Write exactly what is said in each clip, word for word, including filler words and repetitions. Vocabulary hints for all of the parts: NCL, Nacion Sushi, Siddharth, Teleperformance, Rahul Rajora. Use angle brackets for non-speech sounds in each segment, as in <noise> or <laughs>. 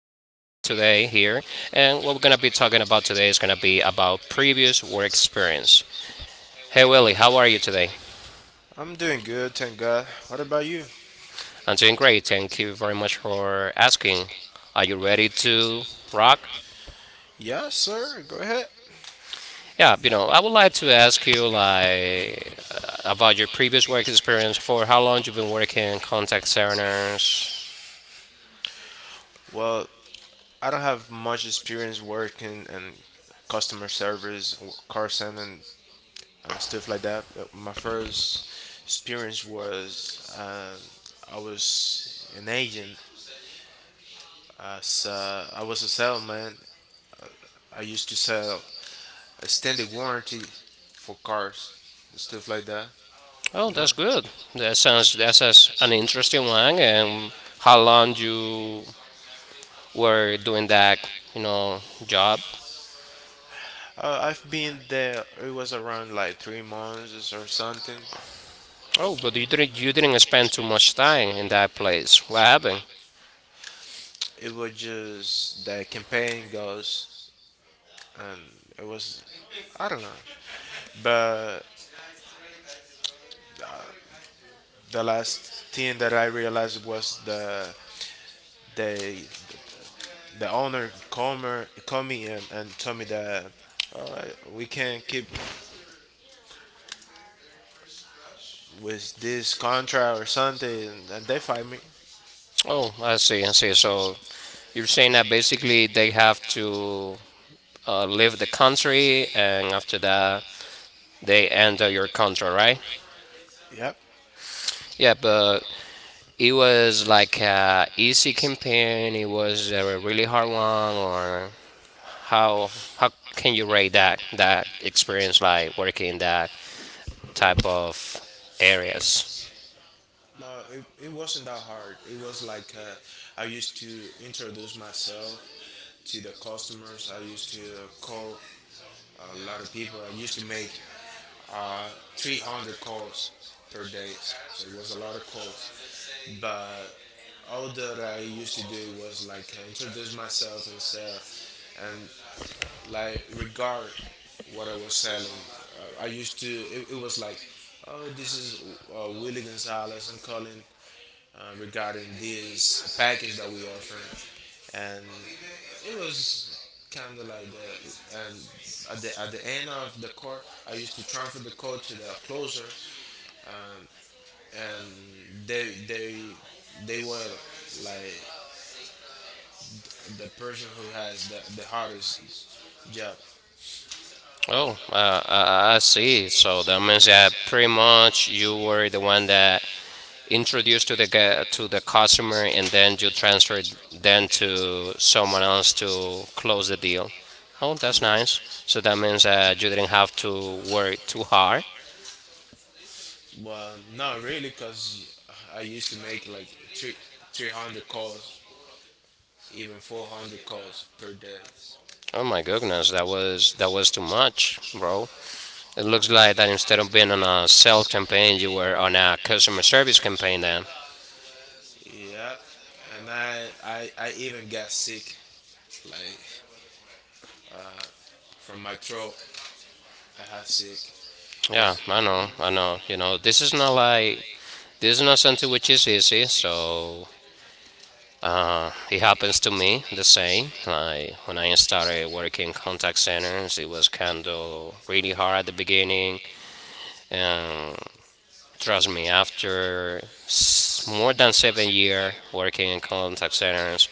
today today here, and what we're and going to be talking about today is going to be about previous three work experience. friends. Hey, Hey Willie, how Willie, are you today? I'm doing good, thank God. What about you? are I'm doing great, thank you very much for asking. Are you ready you ready to to rock? rock? Yeah, sir. Go ahead. Yeah, you Yeah, know, I would like I'd to like to ask ask you you like uh, about like, your about your previous work previous work experience for how long you've been working in contact experience. centers. Well, I don't have much experience working in customer service, or call center, and stuff like that. Uh, My first experience was um, I was an agent. As uh, I was a salesman. I used to sell extended warranty for cars, stuff like that. Oh, You know? that's good. That sounds that's an interesting one, and how long you were doing that, you know, job. Uh, I've been there. It was around like three months or something. Oh, but you didn't you didn't spend too much time in that place. What happened? It was just the campaign goes and it was I don't know. But the last thing that I realized was the the the owner called me, called me and, and told me that oh, I- we can't keep with this contract or something, and, and they fired me. Oh, I see, I see. So you're saying that basically they have to uh, leave the country, and after that they enter your contract, right? Yeah, but it was like a easy campaign. It was a really hard one, or how how can you rate that that experience, like working in that type Yep. of areas? Areas. No, it, it wasn't that hard. It was like uh, I used to introduce myself to the customers. I used to call a lot of people. I used to make uh, three hundred calls per day. So it was a lot of calls. But all that I used to do was like uh, introduce myself and sell and like regard what I was selling. Uh, I used to, it, it was like, oh, this is uh, Willie Gonzalez. I'm calling uh, regarding this package that we offer, and it was kind of like the. And at the at the end of the court, I used to transfer the code to the closer, um, and they they they were like the person who has the, the hardest job. Oh, Oh, uh, uh, I I I see. see. So that That means means that that pretty much you were the one when that the introduced to the gu- to the customer, and intramural and then you then you transferred transfer, then then to someone else to close the deal. Oh, that's yeah. nice. So that That's means that you didn't have to not. work too hard. Well, not really, cause I used to make like three, three hundred calls, even four hundred calls per day. Oh my goodness, that was that was too much, bro. It looks like that instead of being on a sales campaign, you were on a customer service campaign then. Yep, and I, I, I even got sick, like from my throat. I had sick, Yeah, cause I you know, know, I know. You know, this is not like— this is not something which is easy, so uh, it happens to me the same. Like when I started working contact centers, it was kind of really hard at the beginning, and trust me, after more than seven years working in contact centers,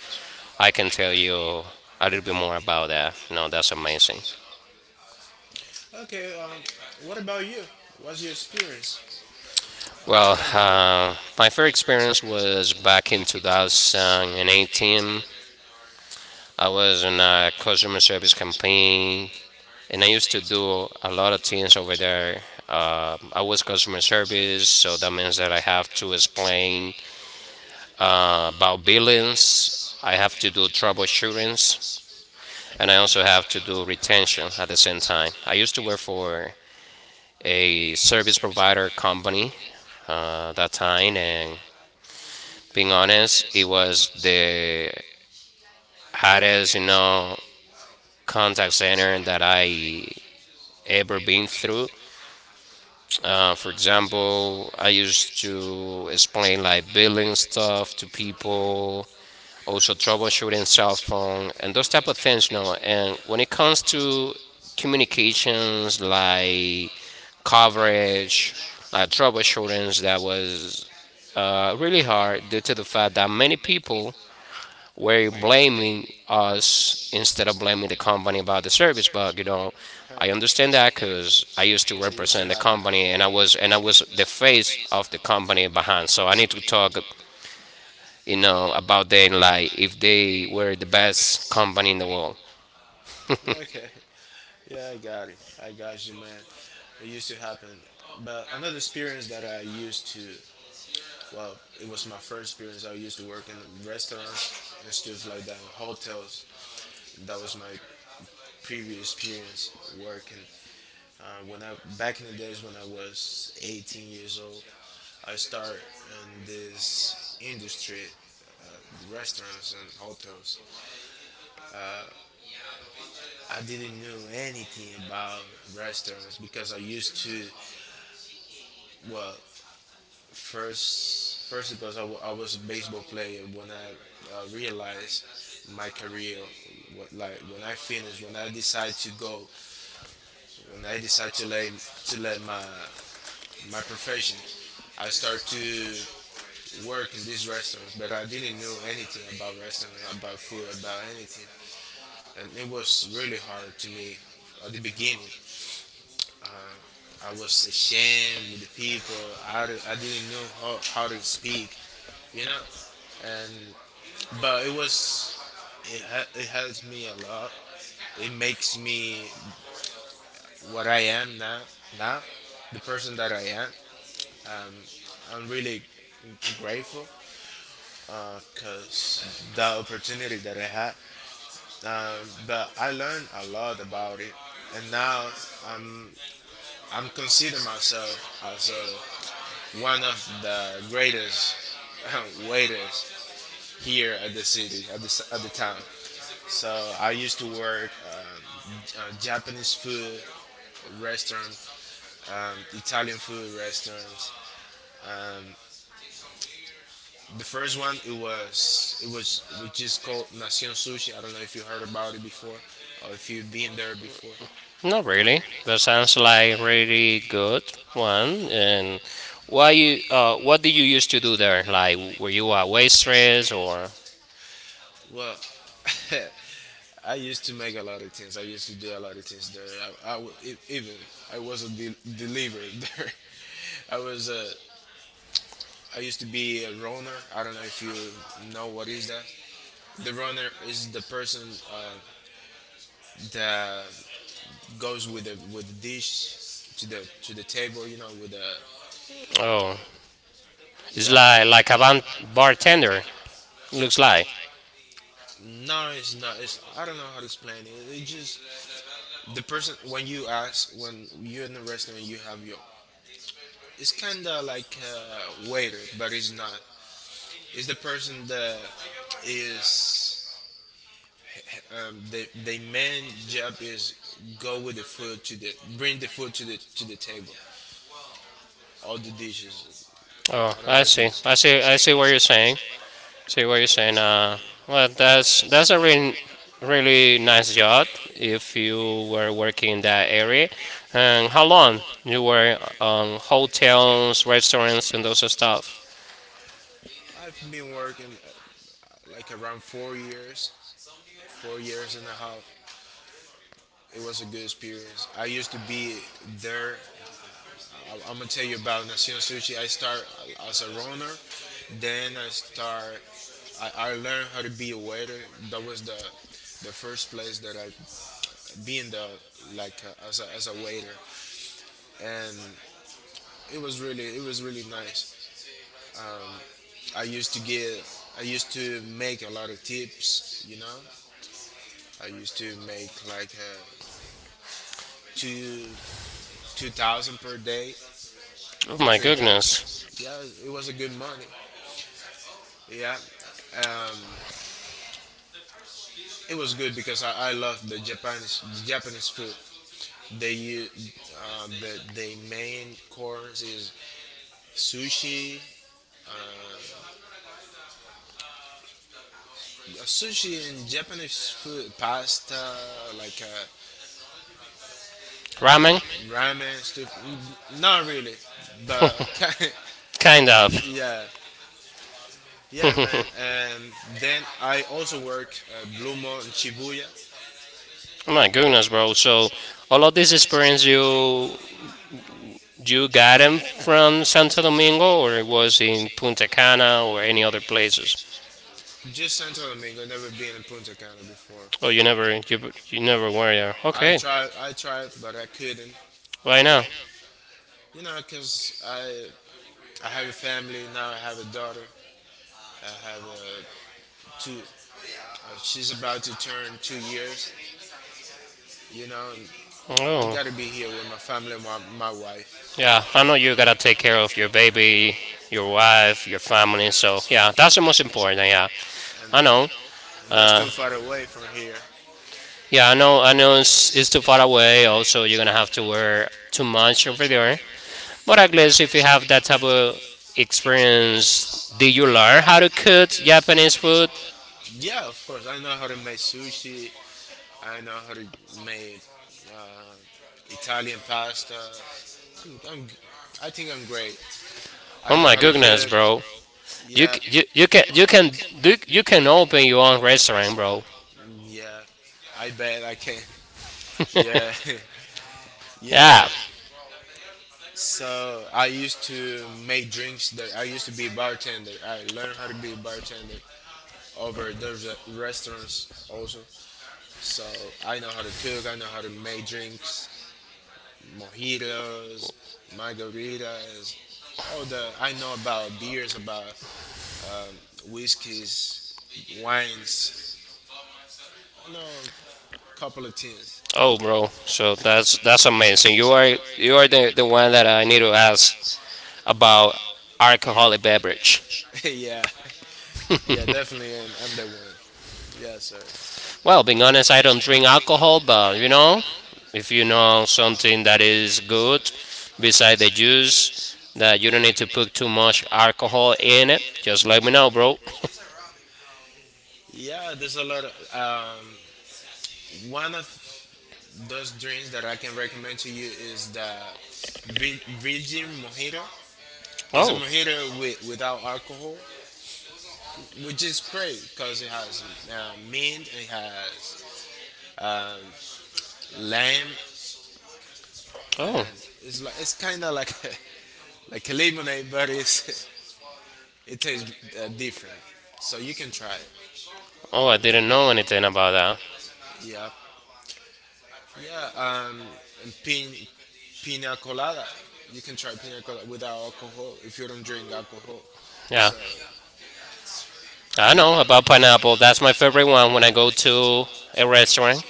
I can I can tell tell you, you a little I bit more don't about that. No, that's know, amazing. that's amazing. Okay, um, what about you? What's your experience? Uh, Well, tell me. Um, uh, my first I was experience was back in um, in twenty eighteen. eighteen, I I was in was a customer service campaign, campaigning, and I and used I to used do a lot of things over there. to Uh, uh, I was customer service, so service that the means that I master have to who was explain playing. uh, Uh, about things. billings. I have I to have do for troubleshootings, assurance, and I and I also also have to do retention at retention. the same time. I used to I work used for a to a service serve provider company uh, that line, time, and and being being honest, it honest, was the they hardest, you had know, contact contact center center. that I, I am- ever been through. Uh, for example, I I used used to explain like billing stuff to to people. people, also troubleshooting cell phone and those type of things. You know, and when it comes to So communication communications like I college coverage, like that troubleshooting, that was uh, really hard due to the fact that many people uh, were when blaming us instead of us blaming the company about the service bug. You know, huh. I I understand that because I used to yeah, used it to used to represent the represent happen. The company, and company I and I was and I was was the face raised of the company behind. So I need to talk, you in know, about how them like if they were the best company in the world. <laughs> they they okay. <laughs> Yeah, I got it. I got you, man. It used to happen. But another experience that I used to, well, it was my first experience. I used to work in restaurants and stuff like that, in hotels. That was my previous experience working. Uh, when I back in the days when I was eighteen years old, I started in this industry, uh, the restaurants and hotels. I didn't know anything about restaurants because I used to well first first because I w- I was a baseball player when I uh, realized my career what like when I finish when I decide to go when I decide to let to let my my profession. I start to work in these restaurants, but I didn't know anything about restaurant, about food, about anything, and it was really hard to me at the beginning. I was ashamed with the people. I, d- I didn't know how, how to speak, you know, and but it was it hel- it helps me a lot. It makes me what I am now. Now, the person that I am. Um, I'm really grateful because the opportunity that I had. Um, but I learned a lot about it, and now I'm I'm consider myself as a, one of the greatest <laughs> waiters here at the city at the s- at the town. So I used to work um, J- uh, Japanese food restaurant, um, Italian food restaurants. Um, the first one it was it was which is called Nacion Sushi. I don't know if you heard about it before or if you've been there before. Not really. That sounds like really good one. And why you? Uh, what did you used to do there? Like, were you a waitress or? Well, <laughs> I used to make a lot of things. I used to do a lot of things there. I, I wa- e- even I was a de- deliverer <laughs> there. I was a I used to be a runner. I don't know if you know what is that. The runner is the person uh, that goes with the with the dish to the to the table. You know, with the Oh, it's yeah. like like a Like ban- bartender. Looks like. no, it's not. It's I don't know how to explain it. It just the person when you ask when you're in the restaurant you have your it's kind of like a waiter but it's not it's the person that is um, the the main job is go with the food to the bring the food to the to the table, all the dishes. Oh, I don't know I if you see. I see. I see what you're saying. See what you're saying. Uh, well, that's that's a really really nice job if you were working in that area. And how long you were on hotels, restaurants, and those stuff? I've been working uh, like around four years four years and a half. It was a good experience. I used to be there. I, I'm gonna tell you about Nacion Sushi. I start uh, as a runner, then I start. I, I learned how to be a waiter. That was the the first place that I been there like uh, as a, as a waiter, and it was really it was really nice. I used to get I used to make a lot of tips. You know, I used to make like uh, two two thousand per day, Oh my three goodness, thousand. Yeah, it was a good money. Yeah, um, it was good because I, I love the Japanese Japanese food. They use uh, the the main course is sushi, uh, sushi and Japanese food, pasta like uh, ramen, ramen? Ramen stuff. n- Not really, but <laughs> ki- kind kind of. of. Yeah, yeah, man. And then I also work uh, Blue Mall in Shibuya. Oh my Like, goodness, bro. So all of this experience you you got them from Santo Domingo, or it was in Punta Cana or any other places? just Santo Domingo, never been in Punta Cana before. Oh, you never you you never were there. I Okay. tried, I tried, but I couldn't. Right It, now. you know, cause I I have a family now. I have a daughter. I have a two. Uh, she's about to turn two years. You know, and I Oh. gotta be here with my family, and my my wife, Yeah, I know you gotta take care of your baby, your wife, your family. So yeah, that's the most important. Yeah, and I know. and that's Uh, too far away from here. yeah, I know. I know it's, it's too far away. Also, you're gonna have to wear too much over there. But at least if you have that type of experience, did you learn how to cook Japanese food? Yeah, of course. I know how to make sushi. I know how to make uh, Italian pasta. I'm, I'm, g- I think I'm great. I Oh know my how to goodness, cook. bro. You, Yeah, c- you, you can you can do— you can open your own restaurant, bro. yeah. I bet I can. <laughs> Yeah, <laughs> yeah, man. <laughs> Yeah. So I used to make drinks. That I used to be a bartender. I learned how to be a bartender over those re- restaurants also. So I know how to cook. I know how to make drinks. Mojitos, margaritas, all the I know about beers, about um, whiskeys, wines. I know a couple of things. Oh, bro. So that's that's amazing. You are you are the, the one that I need to ask about alcoholic beverage. <laughs> Yeah, yeah, definitely. And I'm the one. Yeah, sir. <laughs> Well, being Well, honest, I don't I drink don't drink alcohol, alcohol, but you you know, know? if you If you know know something that something that is is good good beside the beside the juice juice, that you don't that you need to don't need put too much alcohol alcohol in it, in it, just let me just know, bro. yeah, there's a lot of um, one of those drinks that I can recommend to you is the Vir- Virgin Mojito. It's a Oh, mojito with, without alcohol, which is great because it has uh, mint, it has um, lime, oh, and it's like it's kind of like a, <laughs> like a lemonade, but it's <laughs> it tastes uh, different. So you can try it. oh! I Oh, didn't know anything about that. yeah, yeah. Um, and pin, pina colada. You can try pina colada without alcohol if you don't drink alcohol. Yeah, So I know about pineapple. That's my favorite one when I go to a hey, restaurant.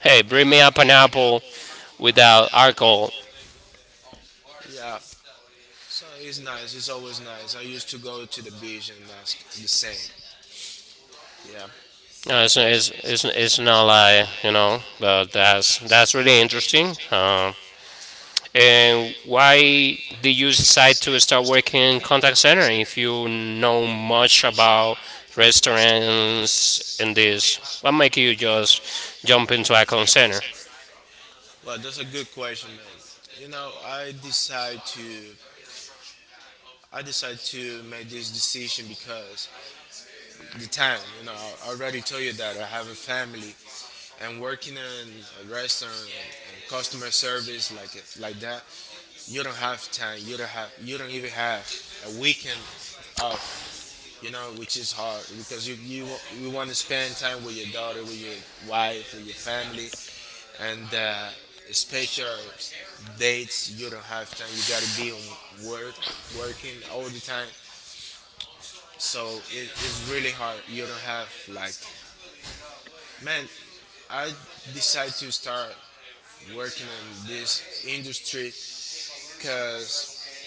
Hey, bring me a pineapple without alcohol. yeah. So it's nice. It's always nice. I used to go to the beach and that's the same. Yeah. Uh, uh, it's, it's, it's, it's it's, not not like, you know, but that's that's really interesting. interesting. Uh, and And why why did you they use decide to side start working in contact center if you know not much much about of restaurants, and in this— this? what make What you make you just just jump jump into a into contact Icon center? Center? Well, that's a good question, man. You know, I decide to I decide to make this decision because the time. You know, I already told you that I have a family, and working in a restaurant and, and customer service like like that, you don't have time. You don't have. You don't even have a weekend off. You know, which is hard because you you wa- you want to spend time with your daughter, with your wife, with your family, and uh, special dates. You don't have time. You gotta be on work, working all the time. So it, it's really hard. You don't have like, man, I decided to start working in this industry because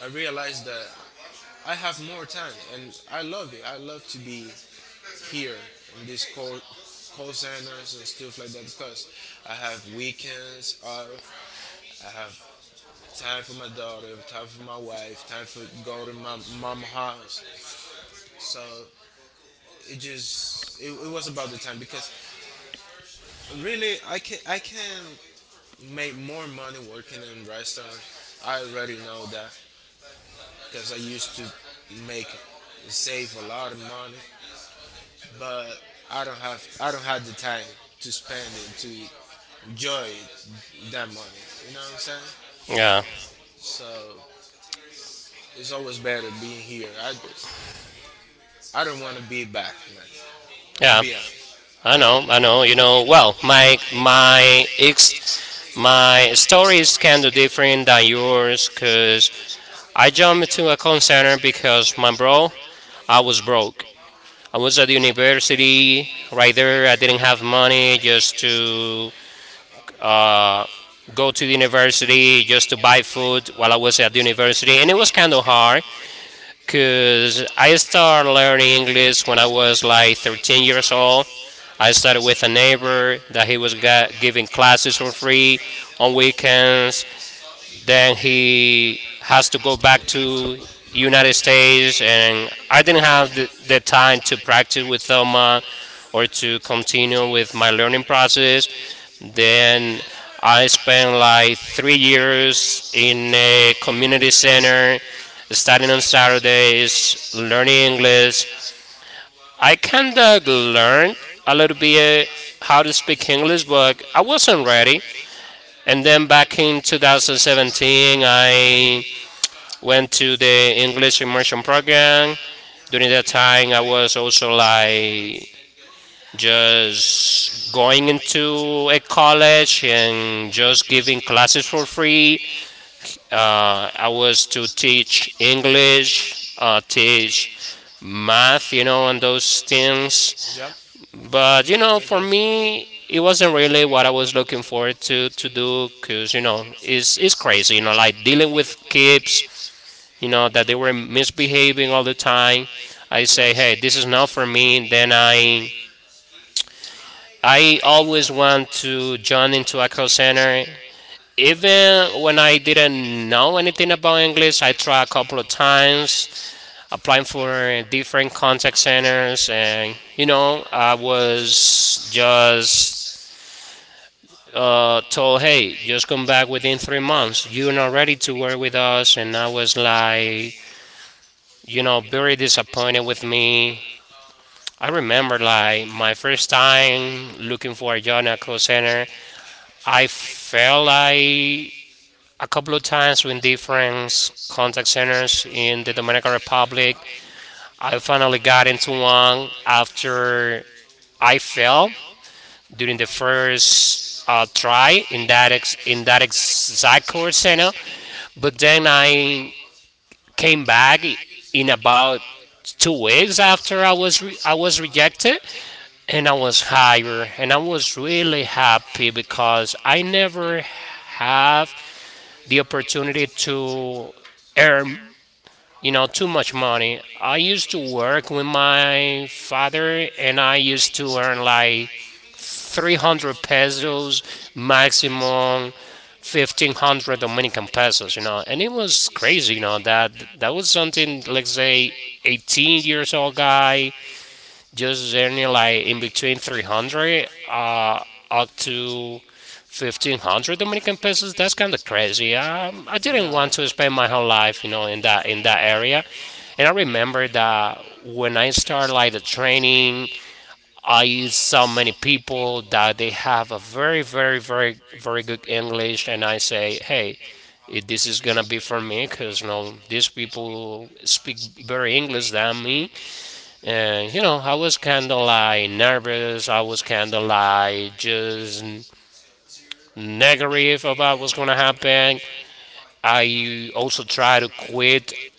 I realized that I have more time and I love it. I love to be here in this call call centers and stuff like that because I have weekends off. I have time for my daughter, time for my wife, time for go to my mom house. So it just it, it was about the time because really i can i can make more money working in restaurants. I already know that because I used to make, save a lot of money, but i don't have i don't have the time to spend it, to enjoy it, that money, you know what I'm saying. Yeah, Yeah. So it's always better being here. I i don't want to be back, man, to yeah, be, yeah, honest. I I know, I know. know. You know, well, my my My ex— ex, my my story is kind stories of can, different than yours because I jumped into a call center because, my bro, I was broke. I I was at the university university, right right, there. I didn't have money money, just you to go uh, go to the to university, just to university, buy food while I was at the university. And it university, was and kind of hard because I because I started learning learned English when English I was like thirteen for ten years years, old. I I started with a neighbor that he was got, giving classes for free on three weekends. months. Then Then he he has to had go back back to to United United States, States, and and I didn't I have the, the time to practice with Thelma or were to to continue with continue my learning process. this. Then Then I I spent like did three three years years in in a a community community center, center, studying on studying on Saturdays, Saturdays, learning learning English. English. I I kind kind of of learned learned a little a little bit bit how to how to speak speak English, English, but I but I wasn't wasn't ready. ready. And And then then back back in in twenty seventeen, twenty seventeen, I I went went to to the the English English immersion immersion program. program. During that During that time, I time, I was was also also like like just just going going into into a a college college and and just just giving giving classes for classes for free. free. Uh, I Uh, I was to was to teach teach English, English, uh, uh, teach teach math, you math, know, you and know, and those those things. things. Yep. But you But know, you for know, for me, me, it it wasn't wasn't really what really I what was I was looking looking forward forward to to to to do, do because, you because you know, know it's it's it's it's crazy, you know, crazy. You know, like like dealing dealing with with kids, kids. you know, You that know they that were they were misbehaving all the misbehaving all the time. time. I Yeah. I say, say, hey, this hey, is this not is for not for me. me. Then Then I I— I I always always want want to to join join into a into call a call center. center. Even when Even I when I didn't didn't know know anything anything about about English, I English, I tried a tried couple a of couple of times times applying applying for for different different contact contact centers, centers, and and you you know, know I I was was just just uh, uh, told, told, "Hey, hey, just come just back come back within three within three months. months. You're not You're ready not to ready work to with work with us." And us. I And I was was like, like, you know, you know, very very disappointed with disappointed with me. me. I I remember remember like like my my first first time time looking for looking a for job a at a job call at call center, center. I I felt felt like like a couple a of couple of times with times with different different contact contact centers centers in the in the Dominican Dominican Republic. Republic. I I finally got finally into got into one one after after I I fell fell during the during the first first uh, uh, try try in that in ex- that in ex- that in that exact call exact call center, center. but But then then I I came came back back in in about about two two weeks weeks after I after was I re- was I was I was rejected, rejected, and I and was I was hired, hired, and I and I was was really really happy happy because because I I never never have had the the opportunity opportunity to to earn, earn, you know, you too know, much too much money. money. I I used to used to work with work with my my father, father, and I and I used to used to earn earn like like three hundred three hundred pesos, pesos, maximum maximum fifteen hundred fifteen hundred Dominican Dominican pesos, you pesos, know. you And know. it And it was was crazy, you know, crazy, you know, that that that was that was something, something, let's let's say, say, eighteen eighteen years old years old guy guy, just just earning earning like in like in between between three hundred three hundred uh, up uh, up to to fifteen hundred fifteen hundred Dominican Dominican pesos. That's pesos. kind That's of kind of crazy. crazy. I, Um, I yeah. I, didn't yeah, want didn't to want to spend my spend whole my whole life, you life, know, you in know, that in in that that in that area. area. And I And I remember remember that that when I when I started like started the like the training, training, I I saw many saw many people people that they that they have a have a very, very, very, very, very, very, very good very good English, and English, I and I say, say, hey, hey, if this is this gonna is be gonna for be for me, me because you because know you know these these people people speak speak better better English English than than me, me, and you know, and you I know was I was kind of kind of like like nervous. I nervous. was I was kind of kind of like like just just negative negative about what's about gonna what's gonna happen. happen. I I also also tried to tried to quit quit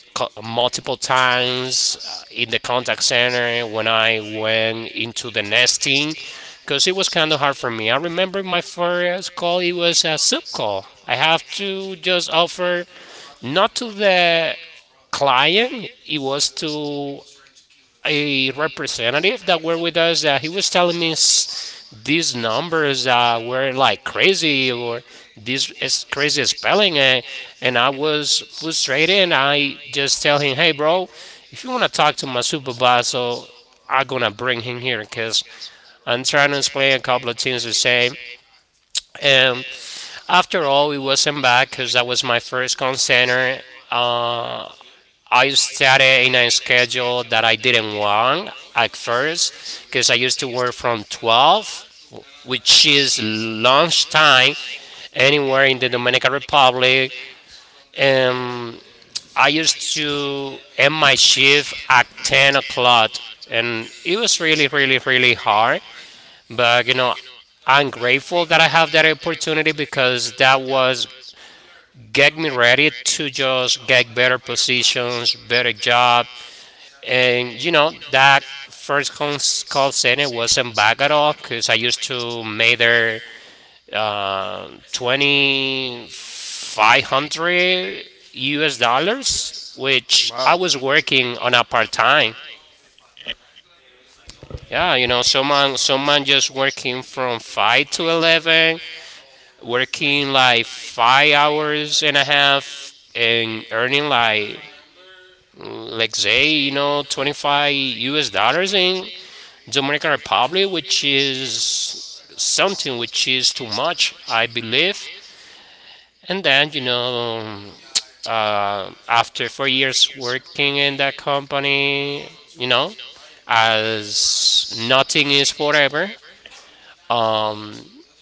co- multiple multiple times uh, times in the in the contact contact center center when when I I went went into the into the nesting, nesting because it was because it kind was of hard kind of for hard me. I for me. I remember my remember my first first call; it call, was it a was a soup sub call. call. I I have have to to just just offer offer, not to not to the the client; client, it it was was to to a a representative that representative were that with were us with that he us, uh, was he was telling me telling me s- these these numbers numbers uh, uh, were were like like crazy crazy, or or this this is is crazy crazy spelling spelling, and, and i uh, and I was was frustrated, and frustrated. And I I just tell just him, tell "Hey, him, hey, bro, bro, if you want to I want talk to to my talk to my supervisor, supervisor. So I'm gonna I'm gonna bring him bring here him here because because I'm I'm trying to trying to explain a explain couple a of couple things of to things we say." say. And And after after all, we all, he wasn't wasn't bad because back that because was that my was my first call first call center. center. uh, Uh, I I started in started a in a schedule schedule that I that I didn't didn't want want at at first first because I because used I to used work to work from from twelve, twelve, which is which is lunch lunchtime time, anywhere in the anywhere in the Dominican Dominican Republic, Republic, and and I I used used to to end my end my shift shift at at ten ten o'clock, o'clock, and and it was it was really, really, really, really, really really hard. hard. But you But know, you know, I'm I'm grateful that grateful I that have I that have that opportunity opportunity because because that that was was get me get me ready ready to to just just get get better better positions, positions, better better job, job. and you And you know know that that first first cons- cons- call call center center wasn't wasn't bad at all bad at all because I because used I used to to make make there there uh, uh, twenty twenty five five hundred hundred U S U S dollars, dollars, which, which wow, I was I was working on working a on a part part time. time. Yeah, you know, Yeah, you know, someone someone someone someone just just working working from from five to five to eleven, eleven, working working like like five five hours and a hours and a half, half, and and earning earning like like let's like say, say, you you know, know, twenty five dollars twenty five U S U S dollars dollars in in Dominican Dominican Republic, Republic, which which is is something something which is which too is too much, much, I I believe. believe. And then, And you then, you know, know, uh, uh, after four after four years years working in working that in that company, company, you know, you know, as as nothing is nothing is forever, forever, um, um,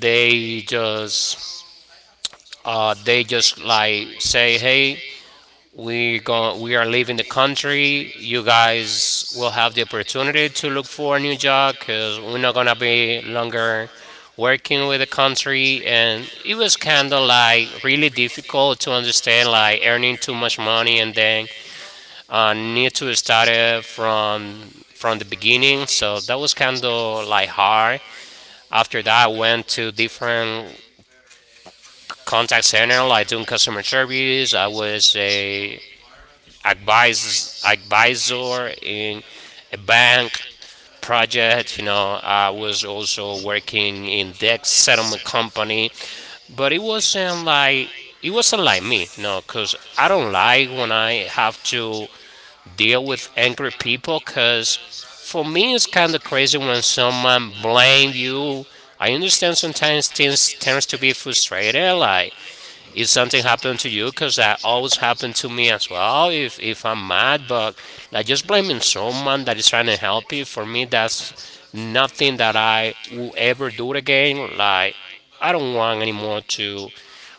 they they just just uh, uh, they they just just like like say, say, "Hey, hey, we we go. go. We are We leaving are the leaving the country. country. You You guys will guys have will the have the opportunity to opportunity look to for look a new for a new job job because because we're not we're gonna not gonna be be longer longer working with the working with the country." country. And And it was it was kind of kind of like like really really difficult to difficult to understand, understand, like like earning too earning much too much money and money and then then uh, uh, need to need to start start it it from from from the from the beginning. beginning. So So that was that kind was kind of of like like hard. hard. After that, After I that, I went to went to different different contact contact center, like center, doing like doing customer customer service. I service. I was was a a advisors, advisors, advisor advisor in in a a bank bank project. You project. You know, know, I I was was also also working working in in debt debt settlement settlement company, company, but it but it wasn't wasn't like like, it it wasn't like wasn't me, like you me. know, you know, because because I don't I don't like when like when I I have have to to deal deal with with angry angry people. people. Because Because for for me, it's me, it's kind of kind of crazy when crazy when someone someone blame blame you. you. I I understand understand sometimes sometimes things tends things to tends be to be frustrated, frustrated, like like if if something something happened to happened you, to you, because that because that always always happened to happened me to as me as well. well If if if, I'm if I'm mad, mad, but but like just I just blaming blaming someone that someone is that trying to is trying to help you, help for you. me, For me, that's that's nothing that nothing that I I will will ever do ever it do again. again. Like, Like, I don't I don't want want anymore anymore to to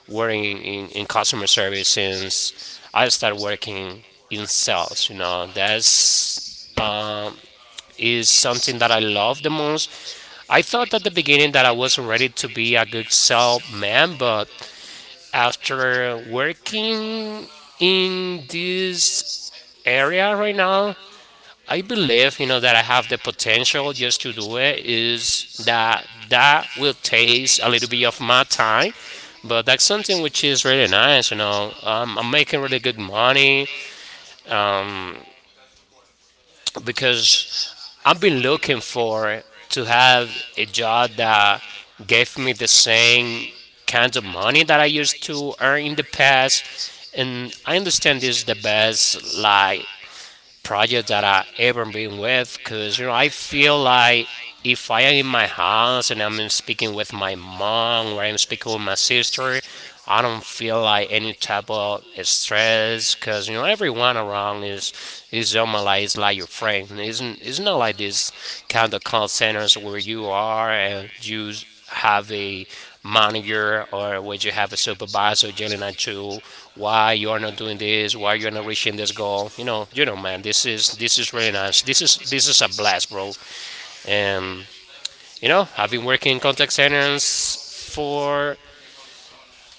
working in, work in, in in in, in customer customer service service since since I started I started working working in in sales. You sales. You know, know, that's that's uh, um, is is something that I something that I love the love the most. most. I I thought at the thought at the beginning that I beginning that I wasn't ready wasn't to ready to be a be good a good salesman, salesman, but but after after working working in in this this area area right right now, now, I I believe, you know, believe, that you I know, that have I the have the potential potential just to just do to do it. it. Is Is that that that that will will take a take little a bit little of bit my of my time, time, but that's but that's something which something is which really is really nice. You nice. You know, know, um, I'm um, making I'm really making good really good money money um, um, because because I've been I've been looking looking for for to to have have a a job job that that gave me gave the me the same same kind of kind of money that I money that I used used to to earn in the earn in the past. past, And and I I understand this is the is the best best like lie. project that I ever been with Because, because you know I you know, I feel feel like like if I am if in I my am, house and I'm I'm speaking with speaking my to my mom or mom, I'm speaking with my sister, sister, I don't feel like any type of stress as because you know everyone around is is almost is like it's like your lies like friend. Isn't? isn't It's not it is like like its like this this kind of kind call centers where you are of and you use have a the manager or where you have a the circle supervisor yelling at you why you what are not doing it this, why is you're not reaching this reaching goal. You know, you know, man, this is this is this really is nice. red This is this is a blast, bro. blast bro And and you know, it I've been working in contact centers is for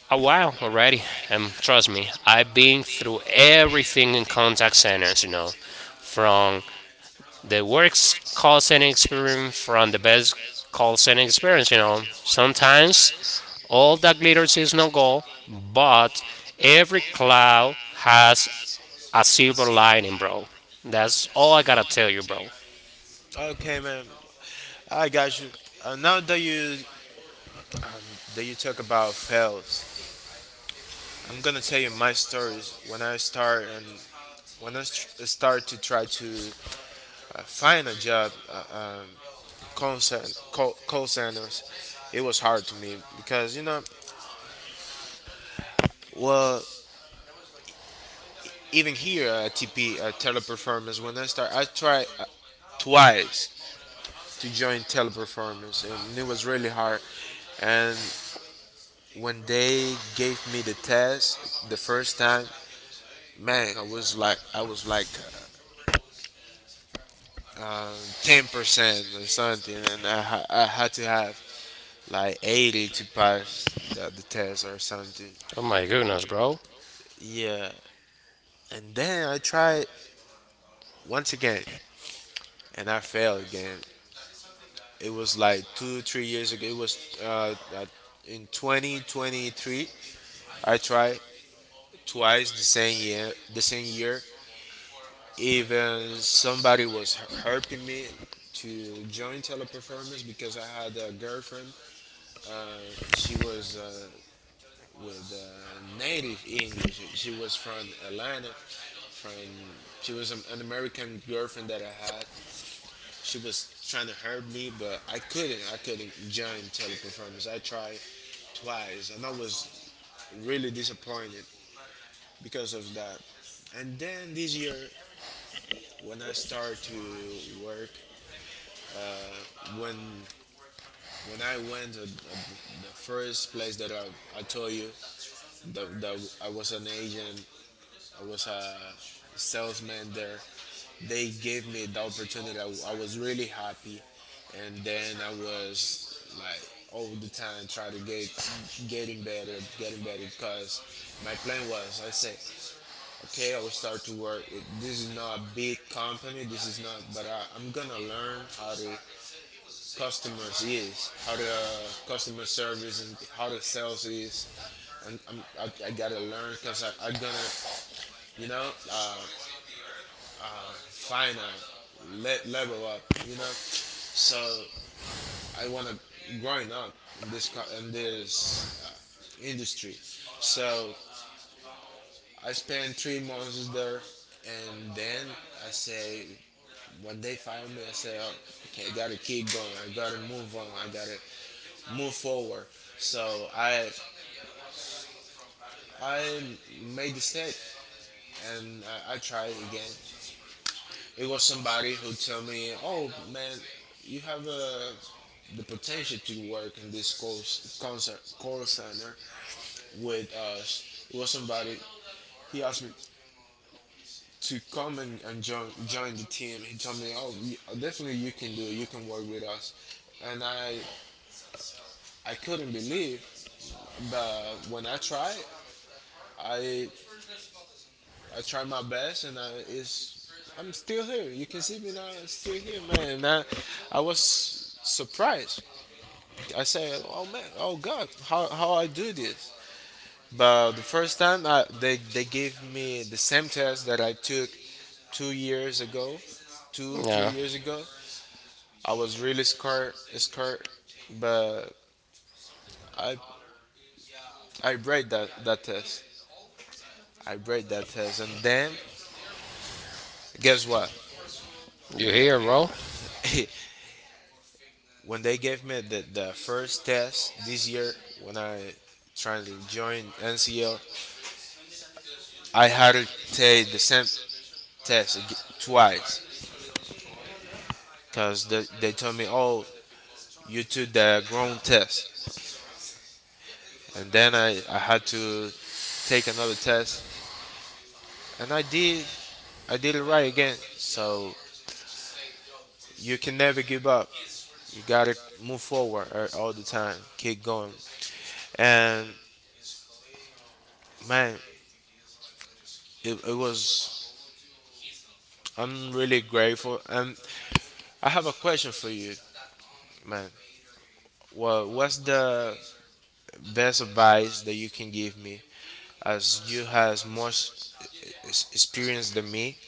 a while already, already and and trust me, trust me I've been I've been through everything every in contact centers. You know, from from the the worst next call center call center experience, from the experience best call center from experience. You know, sometimes Bones, all that glitters is no gold, but every every cloud quote has has a silver lining, bro. it. That's all That's I gotta all tell I you, tell bro. you, bro. Okay, man. I got you. Uh, now that you um, that you talk about fails, I'm gonna tell you my stories when I start and when I st- start to try to uh, find a job uh, um, in call, cen- call, call centers. It was hard to me because you know, well, even here at T P, uh, Teleperformance, when I start, I try twice to join teleperformance and it was really hard. And when they gave me the test the first time, man, i was like i was like uh, ten percent or something, and I, ha- I had to have like eighty to pass the, the test or something. Oh my goodness, bro. Yeah. And then I tried once again and I failed again. It was like two three years ago. It was uh, uh, in twenty twenty three. I tried twice the same year. The same year, even somebody was h- helping me to join teleperformance because I had a girlfriend. Uh, she was uh, with uh, native English. She was from Atlanta. From, she was an an American girlfriend that I had. She was trying to help me, but I couldn't. I couldn't join teleperformance. I tried twice and I was really disappointed because of that. And then this year when I started to work, when when I went, uh, uh, the the first place that I, I told you that, that I was an agent, I was a salesman there. They gave me the opportunity. I, I was really happy, and then I was like all the time try to get getting better, getting better. Because my plan was, I said, okay, I will start to work. It- This is not a big company. This is not, but I, I'm gonna learn how to customers is, how the uh, customer service is, how the sales is. And I'm, I, I gotta learn because I'm gonna, you know, uh, find a le- level up, you know. So I wanna growing up in this co- in this uh, industry. So I spent three months there, and then I say when they fired me, I say, oh, okay, I gotta keep going, I gotta move on, I gotta move forward. So I I made the step and uh, I tried again. It was somebody who told me, "Oh man, you have uh, the potential to work in this call, concert, call center with us." It was somebody. He asked me to come and, and join join the team. He told me, "Oh, you, definitely you can do it. You can work with us." And I I couldn't believe, but when I tried, I I tried my best, and I, it's I'm still here. You can see me now. I'm still here, man. And I, I was surprised. I said, "Oh man, oh God, how how I do this?" But But the first time, I, they they gave me the same test that I took two years ago, two three yeah. years ago. I was really scared, scared, but I I break that that test. I break that test, and then guess what? You here, bro? <laughs> When they gave me the, the first test this year when I tried to join N C L, I had to take the same test ag- twice because they, they told me, oh, you took the grown test. And then I, I had to take another test. And I did, I did it right again. So you can never give up. You got to move forward a- all the time, keep going. And man, it, it was, I'm really grateful. And I have a question for you. Man, well, what's the best advice that you can give me as you has much ex- experience than me?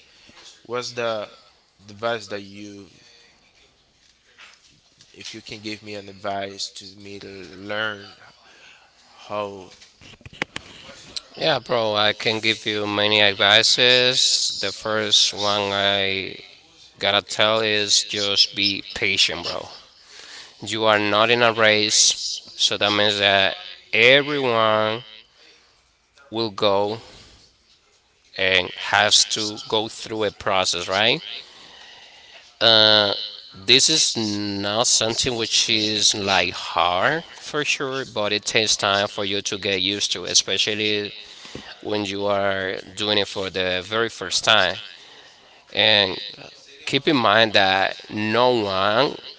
What's the advice that you, if you can give me an advice to me to learn how? Yeah, Yeah, bro. bro, I I can can give you give you many many advices. The advices. The first first one one I I gotta gotta tell tell is is just just be be patient, patient. bro. You You are not are in a not in a race, race, so so that that means means that that everyone everyone will will go go and uh, has has to to go go through a through a process, process, right? right? Uh, Uh, this this is is not not something something which which is is like like hard hard for for sure, sure, but it but it takes takes time for time you for to you get to get used to, used to, especially especially when you when you are are doing it doing for it for the the very very first first time. time. And And, keep yeah, in keep in mind mind that that no no one one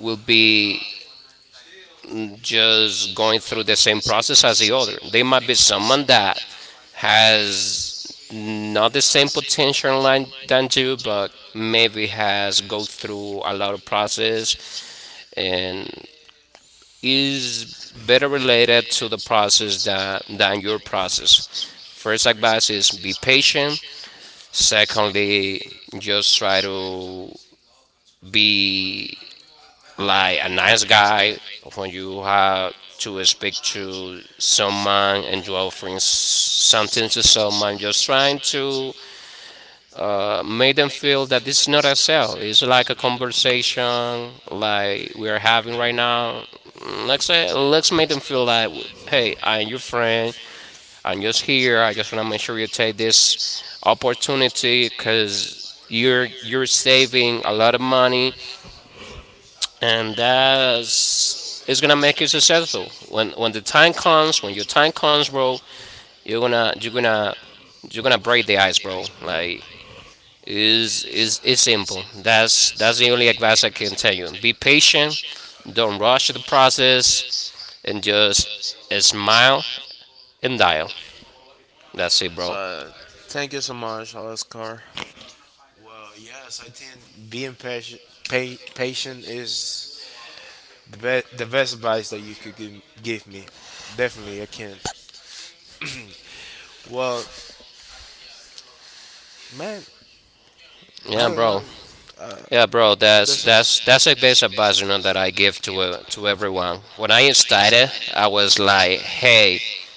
will will be be just just going through going the through same the same process as the process as the other. other. There might be There might be someone someone that that has has not not the same the same potential potential line line than than you, you, but but maybe maybe has go has go through through a a lot of lot of process process and and is is better better related to related the to the process process than, than, than your than your process. process. First First advice is advice be is be patient. patient. Secondly, Secondly, just try just try to to be be like a like a nice nice guy guy when when you you have have to to speak speak to to someone and someone you and do offering s- things, something to something to someone, someone, just just trying trying to to uh, make them uh, make them feel that feel this is that not a it's not a sale, sale. it's like It's a like a conversation conversation like we like are we're having right having right now. now. Let's say, Let's say, let's make them let's make feel them like, feel like, "Hey, I'm hey, your I'm your friend. friend. I'm just I'm just here, I here. just I want to make just want sure to you make sure take you take this this opportunity opportunity because because you're you're you're you're saving a saving lot of a lot of money, money and and that that's is, it's gonna is make gonna you make you successful." successful. When when When, the when time the time comes, when your comes, when time the time comes, comes, bro, bro, you're gonna you're you're gonna you're gonna gonna you're gonna you're break gonna the break ice, the bro. ice, bro. Like, Like is is it's, is it's, it's simple. simple. That's that's That's the that's only the only advice I can advice I tell can you. tell you. Be Be patient. patient. Don't Don't rush the rush the process. process, and And just just and smile smile and and dial. dial. That's it, bro. Uh, thank you so much, Oscar. Well, yes, I think being patient, pa- patient is The best, the best advice that you could give, give me, definitely I can. Well, man, Yeah, I don't know. bro. Yeah, Yeah, bro. bro, That's There's that's that's that's that's the that's best a basic advice, you know, that I give to uh, to everyone. one. When I When I started, started, I I was was like, like, "Hey, hey,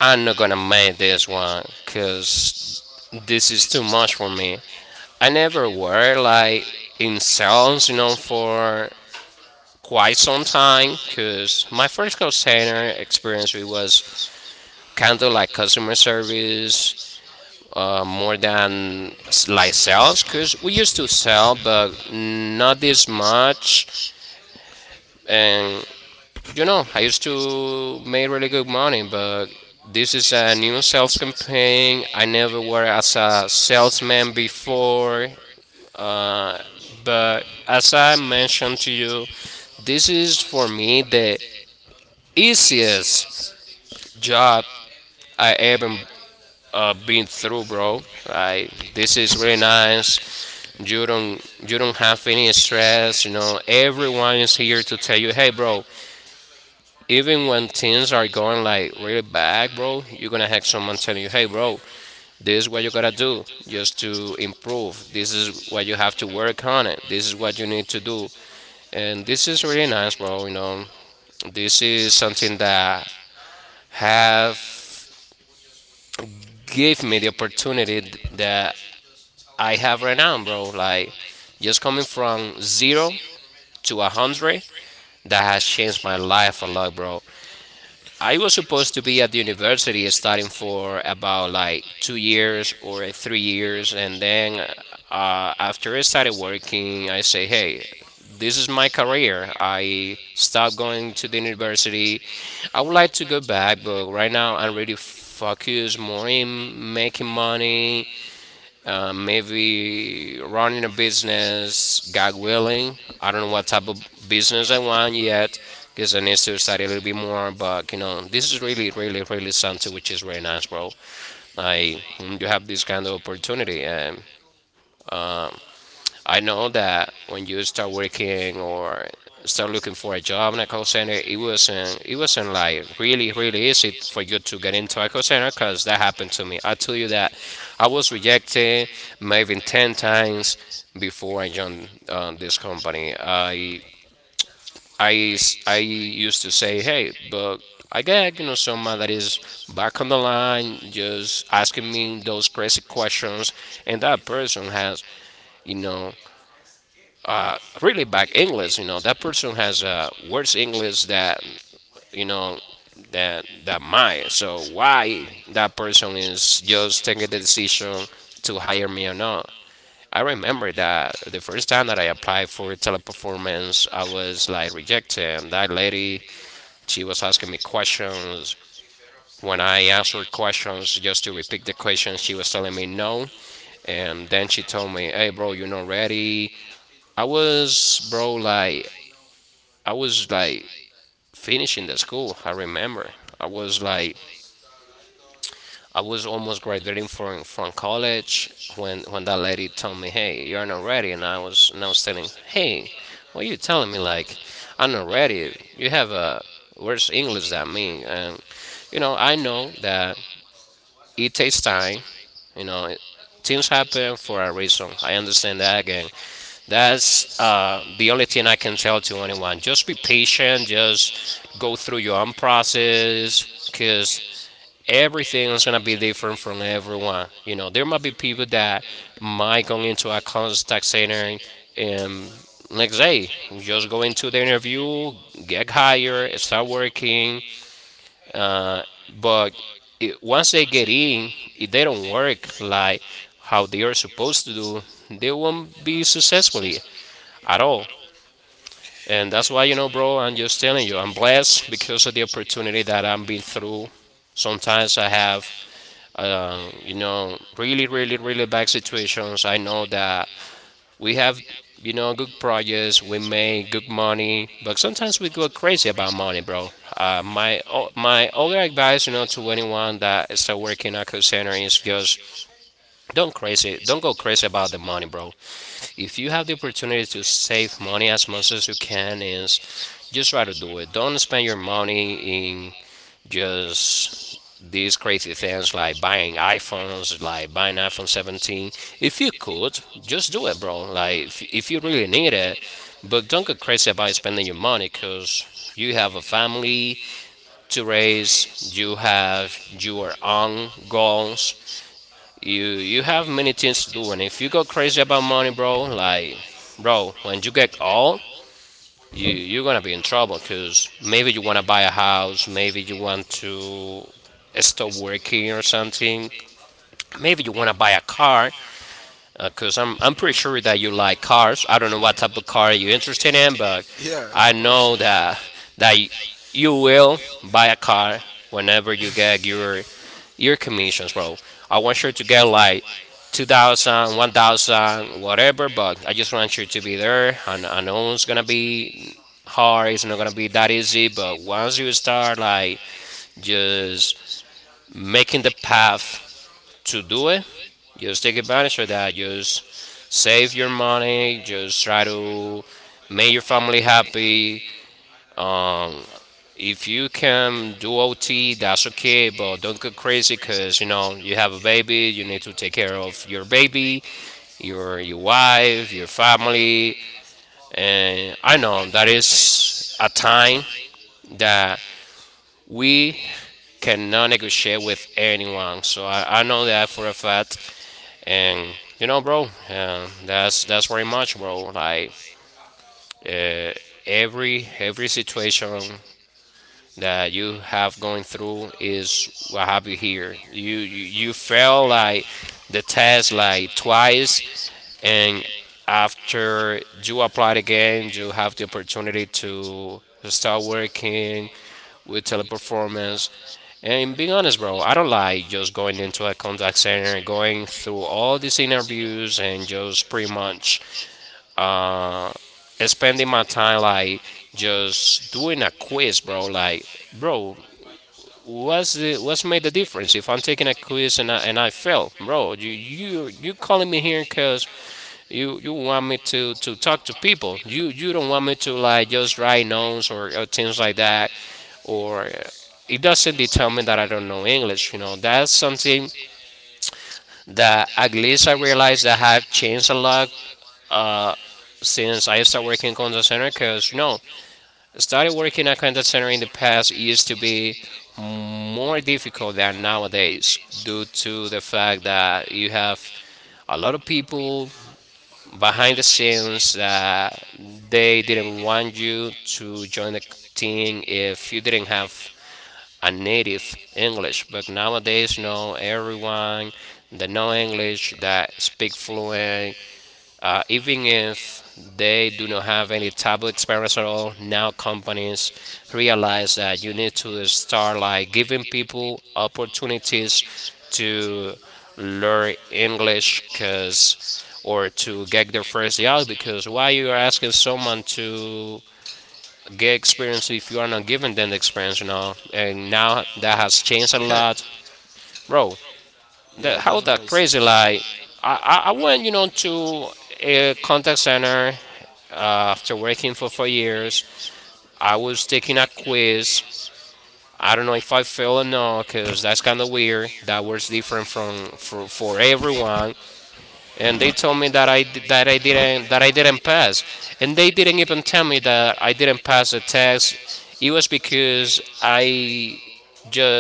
I'm not I gonna make made this this one one. It because was this is too too much for much for me." me. I never were I like like in being salons, you sour know, for quite some quite some time time because my because first call Mexico center sandwich experience it was was kind of like customer service calories uh, more than and s- like s- like sales sales because we because used we to used to sell sell but not this this much. much And and you know, you I know used I used to to make really good money, but this is this a is new sales campaign. I campaign never worked as a uh, self, salesman before, uh, but as I but I mentioned to mentioned to you, you, this this is for is for me me the the easiest easiest job job I ever I can do. uh, been through, bro. Like, Right? this is This really is very nice. nice. You You don't you don't have any finish straight. stress. You know, everyone is Everyone here is to here. tell you, "Hey, bro, even Even when when things are things are going like really bad, bro, you're gonna have someone telling you, tell hey, you, hey, bro, they do, this is what you you do, gotta do just to improve. This this is is what you have to what, work on it. This is what this is you what, need to do." And this and is this really is, nice, bro. You know, this this is is something a that have have gave me the kid opportunity th- that that I I have right now, right now, bro. Like, like, just coming just come from from zero zero to a to a hundred, country that has that has changed my changed life a lot, bro. at I was supposed to be at the the university starting university for about for like like two two years years or or three three years, and years, and then then uh, after I started working, I say, I say, "Hey, hey, this is my this is my career." I stopped I going to the went to the university. university. I would like to go back, but right now Right I'm now, really I'm really focused more focused more in in making making money, money, uh, uh, maybe we running a business, business, God willing. I don't know what type of business, business I business want yet because I need is to study a little bit more. But you know, this is really, really, really really something which something is really which is nice, really bro. nice, bro. Like when you I, have this kind of opportunity, and uh, I know that when you start working or start looking I for a job in a call center, it was wasn't it uh, wasn't like like really really really easy easy. for you to get into a call center because that happened to me. I tell you that I was I rejected maybe ten times before I joined uh, this company. I I I s- I is I used used to say, to. "Hey, but I get, Acá you know, que no someone son that is madres back on the line just años asking and me those crazy questions, and that person has, you know, uh, really bad uh, English. You know, ridiculous, you that person has know, uh, has worse uh, worse English English that, than you you know, know than than mine. mine. So So why why that person is just taking just the taking the decision decision to to hire me or not?" I remember that the first time that I applied for Teleperformance, I arguments? was like rejected. And that lady, she was She asking was me asking me question. questions. When I When I answered answer questions, just questions, to just to repeat the repeat the questions, she question was she telling was, me asking, no. And then and she then told me, "Hey, bro, you're not ready." the I was, bro, like, I I was like was by finishing the finishing school. I remember I was like I was almost graduating from from the college college. when when that lady told me, "Hey, Hey, you're not you know, I ready," and I was and I was was, telling, "Hey, hey, what are you what are you telling me? telling me? Like, Like, I'm not I, don't, ready. you're You have working a where's English that me?" me. And And, you know, you I know, I know know that that it it takes takes time. time. You You know, know, things Things happen happen for a for a reason. reason. I I understand that understand that again, again. that's That's uh, uh, the only the thing only I thing can I tell can to tell anyone. anyone. Just be Just be patient. patient. Just Just go go through your through own the process, process because because everything is everything gonna is be gonna be. different from everyone. You know, there You know, might be There might be people people that that might go might go into a into a contact college tax center center and next next. day just go You'll just go into the into there, interview, get get hired, hired, start start working. working. Uh, but But it, once they once get they get in, in, if they it's don't work like like how they how are supposed to do, they won't will be be successfully successful yet. at all. And that's And why, you that's what know, bro, I'm just I'm telling just you, I'm telling you, I'm blessed blessed because of the because opportunity that I'm been through. Sometimes I sometimes I have, have, uh, um, you you know, know, really, really, really, really really, bad really bad situations. I situations. know I know that we we have, you know, you good know, projects, we make good make money, but sometimes we go crazy about crazy about money, money, bro. bro. Uh, Uh, my my o- my my other advice, you know, guys, you to know, to anyone that is still working at call center is just don't don't crazy, crazy, don't go don't go crazy about the crazy about money, it, bro. bro. If you have If the you opportunity to to save save money as money as much as you much as you can, can is is just try to just try do to it. do it. Don't spend Don't your spend money money in in just just these these crazy crazy things like buying buying iPhones, items like buying like buying iPhone iPhone seventeen. seventeen. If you If you could, would, just just do it, do bro. it. Like if, Like if you if, you really need really it, need it, but don't but get crazy about crazy about spending your spending your money, money cause because you have you a have a family family to to raise. raise, You you have have your your own own goals, goals, you you you have you many have things it to do, just and do if you it. go If you crazy about money, bro, like bro, like, when you get right, you get old, you you you you're gonna be in trouble, because maybe you want 'cause to buy a house, college, maybe you maybe you want went to to stop Estoki or working or something, something. maybe you want Maybe, to buy a car, because i'm i'm pretty I'm sure pretty that sure you like cars. I don't know what type of car you're are you interested in, interested in, but but yeah, of I I course. I know know that that that you you, you will buy a buy it car whenever you whenever you get get your your your, your commissions, commission, bro. bro. I want you I to get like two thousand, one thousand, whatever, but I just I want just you want to be there. And I know it's gonna to be be hard, it's hard, not gonna be that not easy, easy, but but once you start like I just just have making the to path do to do it, it. just take advantage of that. Just save your Save your, money, just try your to make your May your family happy. be Um, if you if you can do O T, see that's that's okay, okay, but don't but go look crazy, because you know you have a baby, you need crazy, to take care of your your baby, baby, your your, your your wife, your wife, your family, family, and I know and that that is is a time time that that we we can cannot take a negotiate with shape anyone. So I, I know that for a fact, and and you know, you bro, know, um, that's that that's very much, bro. Like uh, every everything every situation that that you have going through is is what have you what here. you You you, you you fail fail like the the test test like like twice, twice and and after do after you apply it again, you again have the opportunity to start starting working with teleperformance. weakness And being and be honest, bro, honest I bro don't like just going just go back into and a contact center, and going everything through through all these all these interviews, and interviews and just pretty just pretty much much uh, spending my especially time like like just just doing a quiz, bro. West, bro. Like, Like, bro, bro, what's the what's made the difference if I'm taking a quiz and i and i fail, bro? you you you You calling me let here me because hear you you want me to to talk to people. You you don't want me to like just write notes or, or things like that, or uh, it doesn't determine that I don't know English. You know, that's something that at that least I realized that I have changed a lot uh uh, since since I I started understand working in contact because center, because no. when I Started started working at working at contact center in the past used to used to be be more difficult than for nowadays, days due due to the to fact that uh, you you have have a lot of uh, people behind the behind the scenes scenes that that they they didn't want demand you you to to join the team think if you if didn't have a a native native English. But English. But nowadays, nowadays, no, no everyone one that know English, English that that speak fluent way. uh, I even think if if they do they not do have not any have it taboo experience at all, now now companies is realize that realize you that need you to start like giving like people opportunities things to to learn English, English because because or or to to get their first job, Brazil because why because you are why you asking someone are to to get get experience if you are not giving them the experience? You know, French now and and now that has now it's <laughs> changed a changed lot, a lot. bro. <laughs> Yeah, That it how doesn't that make crazy, sense. Crazy like like i i, I went, you know, to a contact here center uh, after working for four for years, years I I was taking a quiz. always I don't know I if I failed or not, don't because that's feel kind of weird. That was different from for, for everyone. and And they told I me that I that I that didn't that it I didn't pass, is and they and didn't even tell me that I didn't pass the test. It was if because I I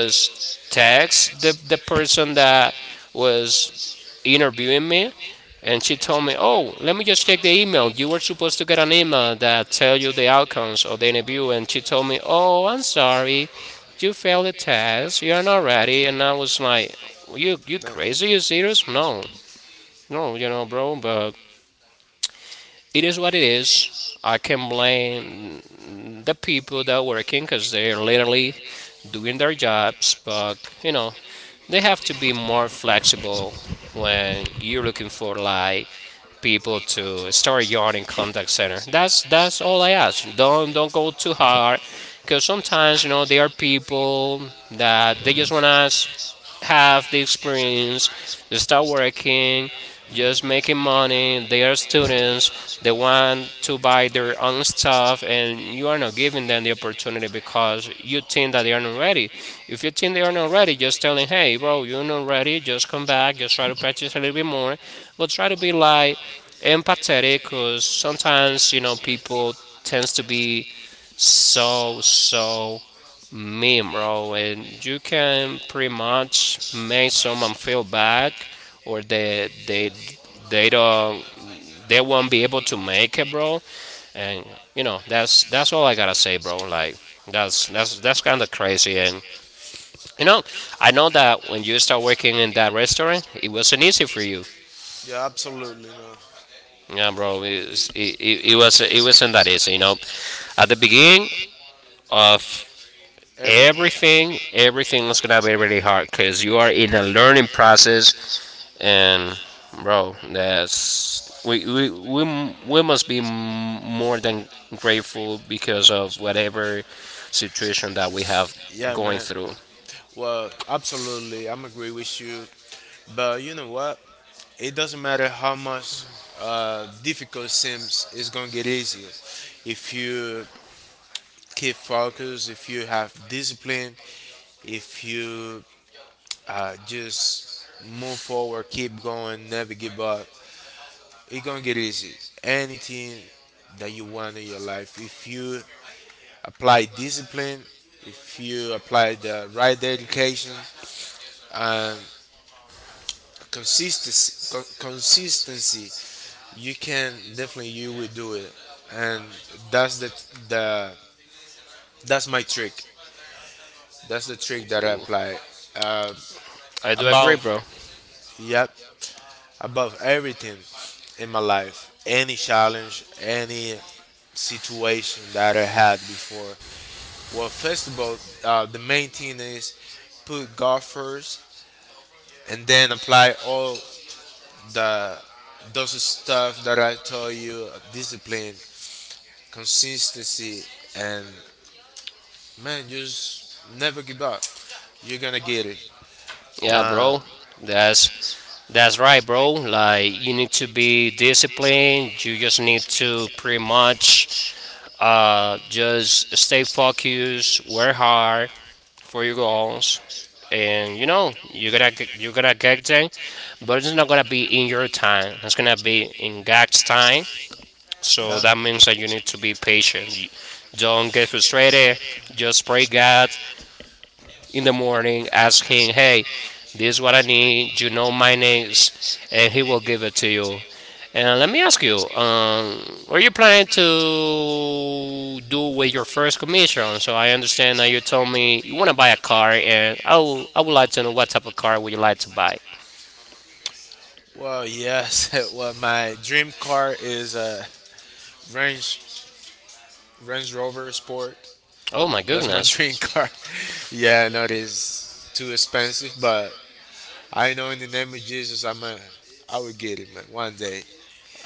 just text the, text the person that was was. interviewing me, and she And told she me, said, "Oh, let me let just me check the just stick the email. You email were supposed to get an on email email that tell you the outcomes of the interview." And she told me, "Oh, I'm sorry, for me. you Do failed the test. You are not ready." that And I and was like, "You you you, That- crazy? you You serious? No, no, you know, bro." But it is what it is. it is I can blame the happy. people that are working because they're literally doing their jobs. But you know, they have They to be have to be more more flexible flexible when you're than looking you for like people people to to start yard in your contact center. concern. That's That's that's all that's I ask. Don't don't go too all too hard, hard. because Because sometimes you know sometimes you there are know people people that they just that they just wanna wanna have the have these experience, experience they start just working, kid, just just making money. They money, are they are students. students, They they want want to to buy their own learn stuff, stuff and and you are not giving them the opportunity because you uh, think that you they are not ready. If you think they are not ready, just tell them, just tell "Hey, bro, hey, you're we're not ready. ready, Just come just back. Just back, try to just practice right. a little bit more, but try to be like empathetic, Aesthetic, because sometimes you know because, you know, people people tends to tends to be be so, so so so Meme, mean. bro, and you You can can pretty pretty much much make make someone feel bad, or they they it. they They, don't they they won't be able to don't make it, make it. bro." And And, you know, you know, that's that's that's, all I gotta say, bro. Like that's that's, that's that's that's kind of crazy, and you know, you know, I know I, it, that when you start working in that restaurant, it wasn't easy for you. yeah, absolutely. No. Yeah, Yeah, bro, bro, it's- it, it, was- it, it, it it, was it it wasn't, it wasn't that wasn't easy. that You know, easy, you know. at the At the beginning beginning of of Everything. everything, everything everything was gonna be really hard because you are because you in a learning process, and and bro, that's we we we m- we must be m- more than grateful because of whatever situation that we situation have that we have, yeah, going man, going through. through. Well, absolutely, I'm agree with you. But you know what? It doesn't matter how much uh, difficult seems, it's gonna get easier if you keep focus, if you have discipline, if you uh, just move forward, keep going, never give up. It's gonna get easy. Anything that you want in your life, if you apply discipline, if you apply the right education and consistency, co- consistency, you can definitely you will do it. And that's the the that's my trick. That's the trick that I apply uh, I do agree, above. bro. Yep, above everything in my life, any challenge, any situation that I had before. Well, first of all, uh, the main thing is put God first and then apply all the those stuff that I told you, uh, discipline, consistency, and man, just never give up. You're gonna get it. Yeah, Uh, bro. That's that's right, bro. Like you need to be disciplined. You just need to pretty much uh just stay focused, work hard for your goals, and you know you gotta g- you gotta get there, but it's not gonna be in your time. It's gonna be in God's time. So that means that you need to be patient. Don't get frustrated. Just pray God in the yeah. morning. Ask Him, hey, Hey, hey, this is this what I is what I need. You need. know You my know my needs, names. and He will give it And to to you. you. And let And me uh, let ask me you, um, what are you planning to do with your first first commission? commission. So I I understand that you understand that you told told me you me want to I buy a car, and I I would like to know what type of car would you like to buy. am. Well, yes. <laughs> Well, my dream car is a Range Range Rover Sport. Oh my That's my goodness. dream <laughs> car. <laughs> Yeah, I know it is too expensive, but I know in the name of Jesus, I'm a, I will get it, man. One day.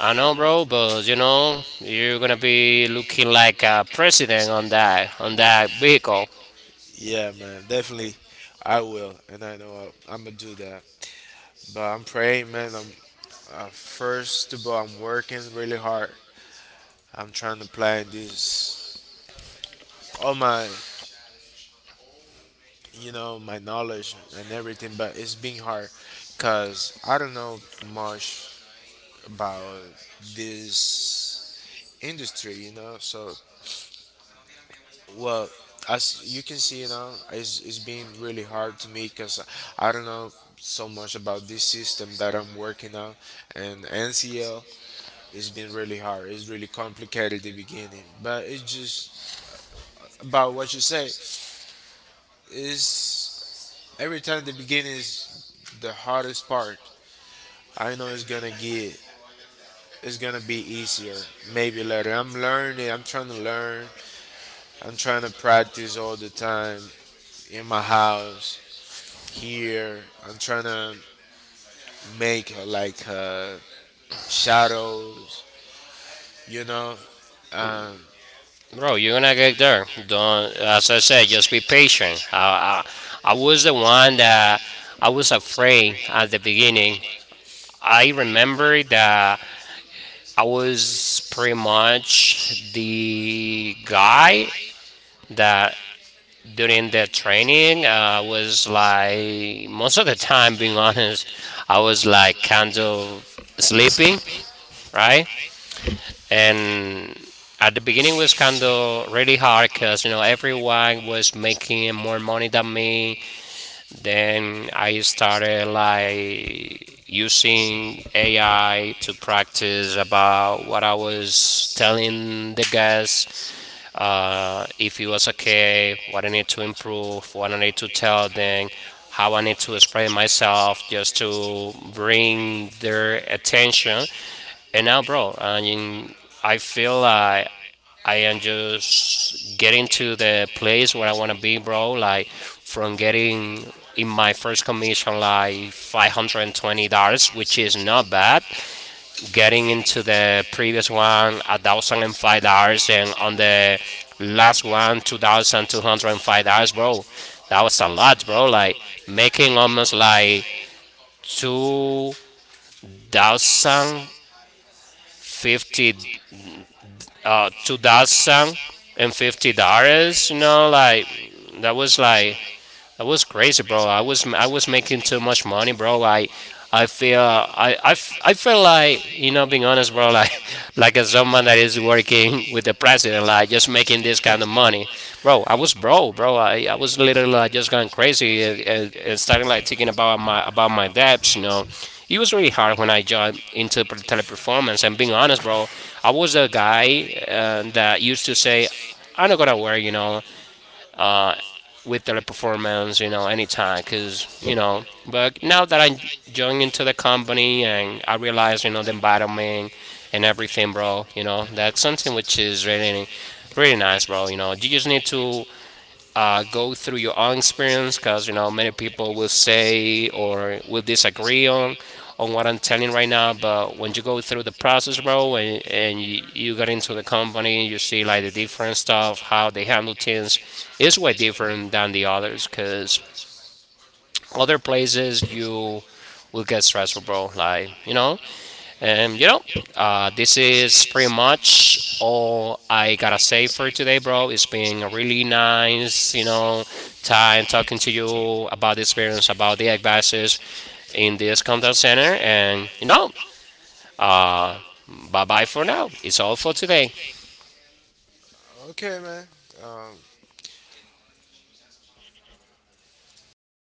I know, bro, but you know, you're gonna be Be looking looking like like a president on president. that on On that that. vehicle, Yeah, man, definitely, I will, and I know I, I'm gonna do that. But I'm praying, man. I'm uh, First of all, I'm working really hard. I'm trying to apply this all my, you know, my knowledge and everything. But it's being hard, cause I don't know much about this industry, you know. So well, as you can see, you know, it's, it's been really hard to me because I don't know so much about this system that I'm working on, and N C L it's been really hard. It's really complicated at the beginning, but it's just about what you say. Is every time the beginning is the hardest part. I know it's gonna get it's gonna be easier maybe later. I'm learning. I'm trying to learn. I'm trying to practice all the time in my house here. I'm trying to make uh, like uh, shadows, you know. Um, bro. You're gonna get there. Don't, as I said, just Hey, be just be patient. patient. I, I, I, I was the was one that I was a, I was afraid at the the beginning. beginning. I I, remember that I I was was pretty much much the the guy guy that that during the during training, uh, training I was was like, most of the most of the time, being time honest, I I was was like like, kind of sleeping, right? right? And And at the at the beginning was beginning was kind kind of really really hard hard because you know because it everyone was was like making more making money than me. me. Then Then I I started started like using using A I A I to practice practice. I about what I was was telling telling the the guys, uh, if it was okay, what I okay need to improve, what I need what I to need to tell tell them, them, how I how need I to need to explain myself just to bring bring their attention. attention. And now, And now bro, I mean, I I feel feel like I am I am just just getting getting to to the the place where I place want where to I want be, to be bro. Like from from getting getting in my in my first first commission commission like like five hundred twenty dollars five hundred twenty dollars which is which is not bad, getting getting into in the previous one a thousand and five dollars, five dollars and and on on the last one two thousand two hundred and five dollars, bro. That was a the, lot, bro. Like like, making making almost up like by two thousand two thousand fifty, fifty uh two uh, thousand and and fifty fifty. dollars you know. Like that was That's like like that was we- crazy, bro. I was I was making too much money, bro. I I feel I, I, f- I feel like, you know, you being know, honest, bro. Like <laughs> like as like someone that is working working, with the the president, president. like just I just making this making <laughs> kind this of kind of money, money, bro. I bro. was bro, bro, I, I was literally like just going crazy, Crazy, and, uh, and, and starting like thinking thinking about my about about my my debts, you dad. know. It was He really was hard when I joined into pre- into the type of teleperformance. phone And being honest, bro, I was a guy I uh, and, that uh, used to used to say, say "I'm not I'm gonna where, work," you you know, know. uh, uh, with their with performance, you know, anytime, cause because you you know. know, But but now that I that I joined into joined the into the company company and I and realized, you know, the environment and and everything, everything bro, you know, like that's that, something which which is is really, really, really really nice, bro. nice. You know, you just You need just need to uh, uh, go through your own one experience, spirit because you know many people will will say say, or will would disagree disagree on on, on what on I'm what I'm telling telling right you now. right now, But when you go through the the process, process, bro, and, and and you, you, you get you go into the company, on and in, you and you see like see the like different stuff, how stuff, they the handle things Hamiltons, is it's, way it's different than the others, because crazy, other places you will get stressful, bro. Like you you know, know, and you and know, you know, uh, uh, this this is pretty is pretty much much, all I gotta I gotta say for say, today, bro. It's been a really really nice, you nice, you know, know, time time talking to talking to you you about the experience, about the advices guys in in this this contact contact center, center, and and you know, you know, uh, uh, bye bye bye for bye now. for now. It's all It's for all for today. today. Okay, man. Um, bye.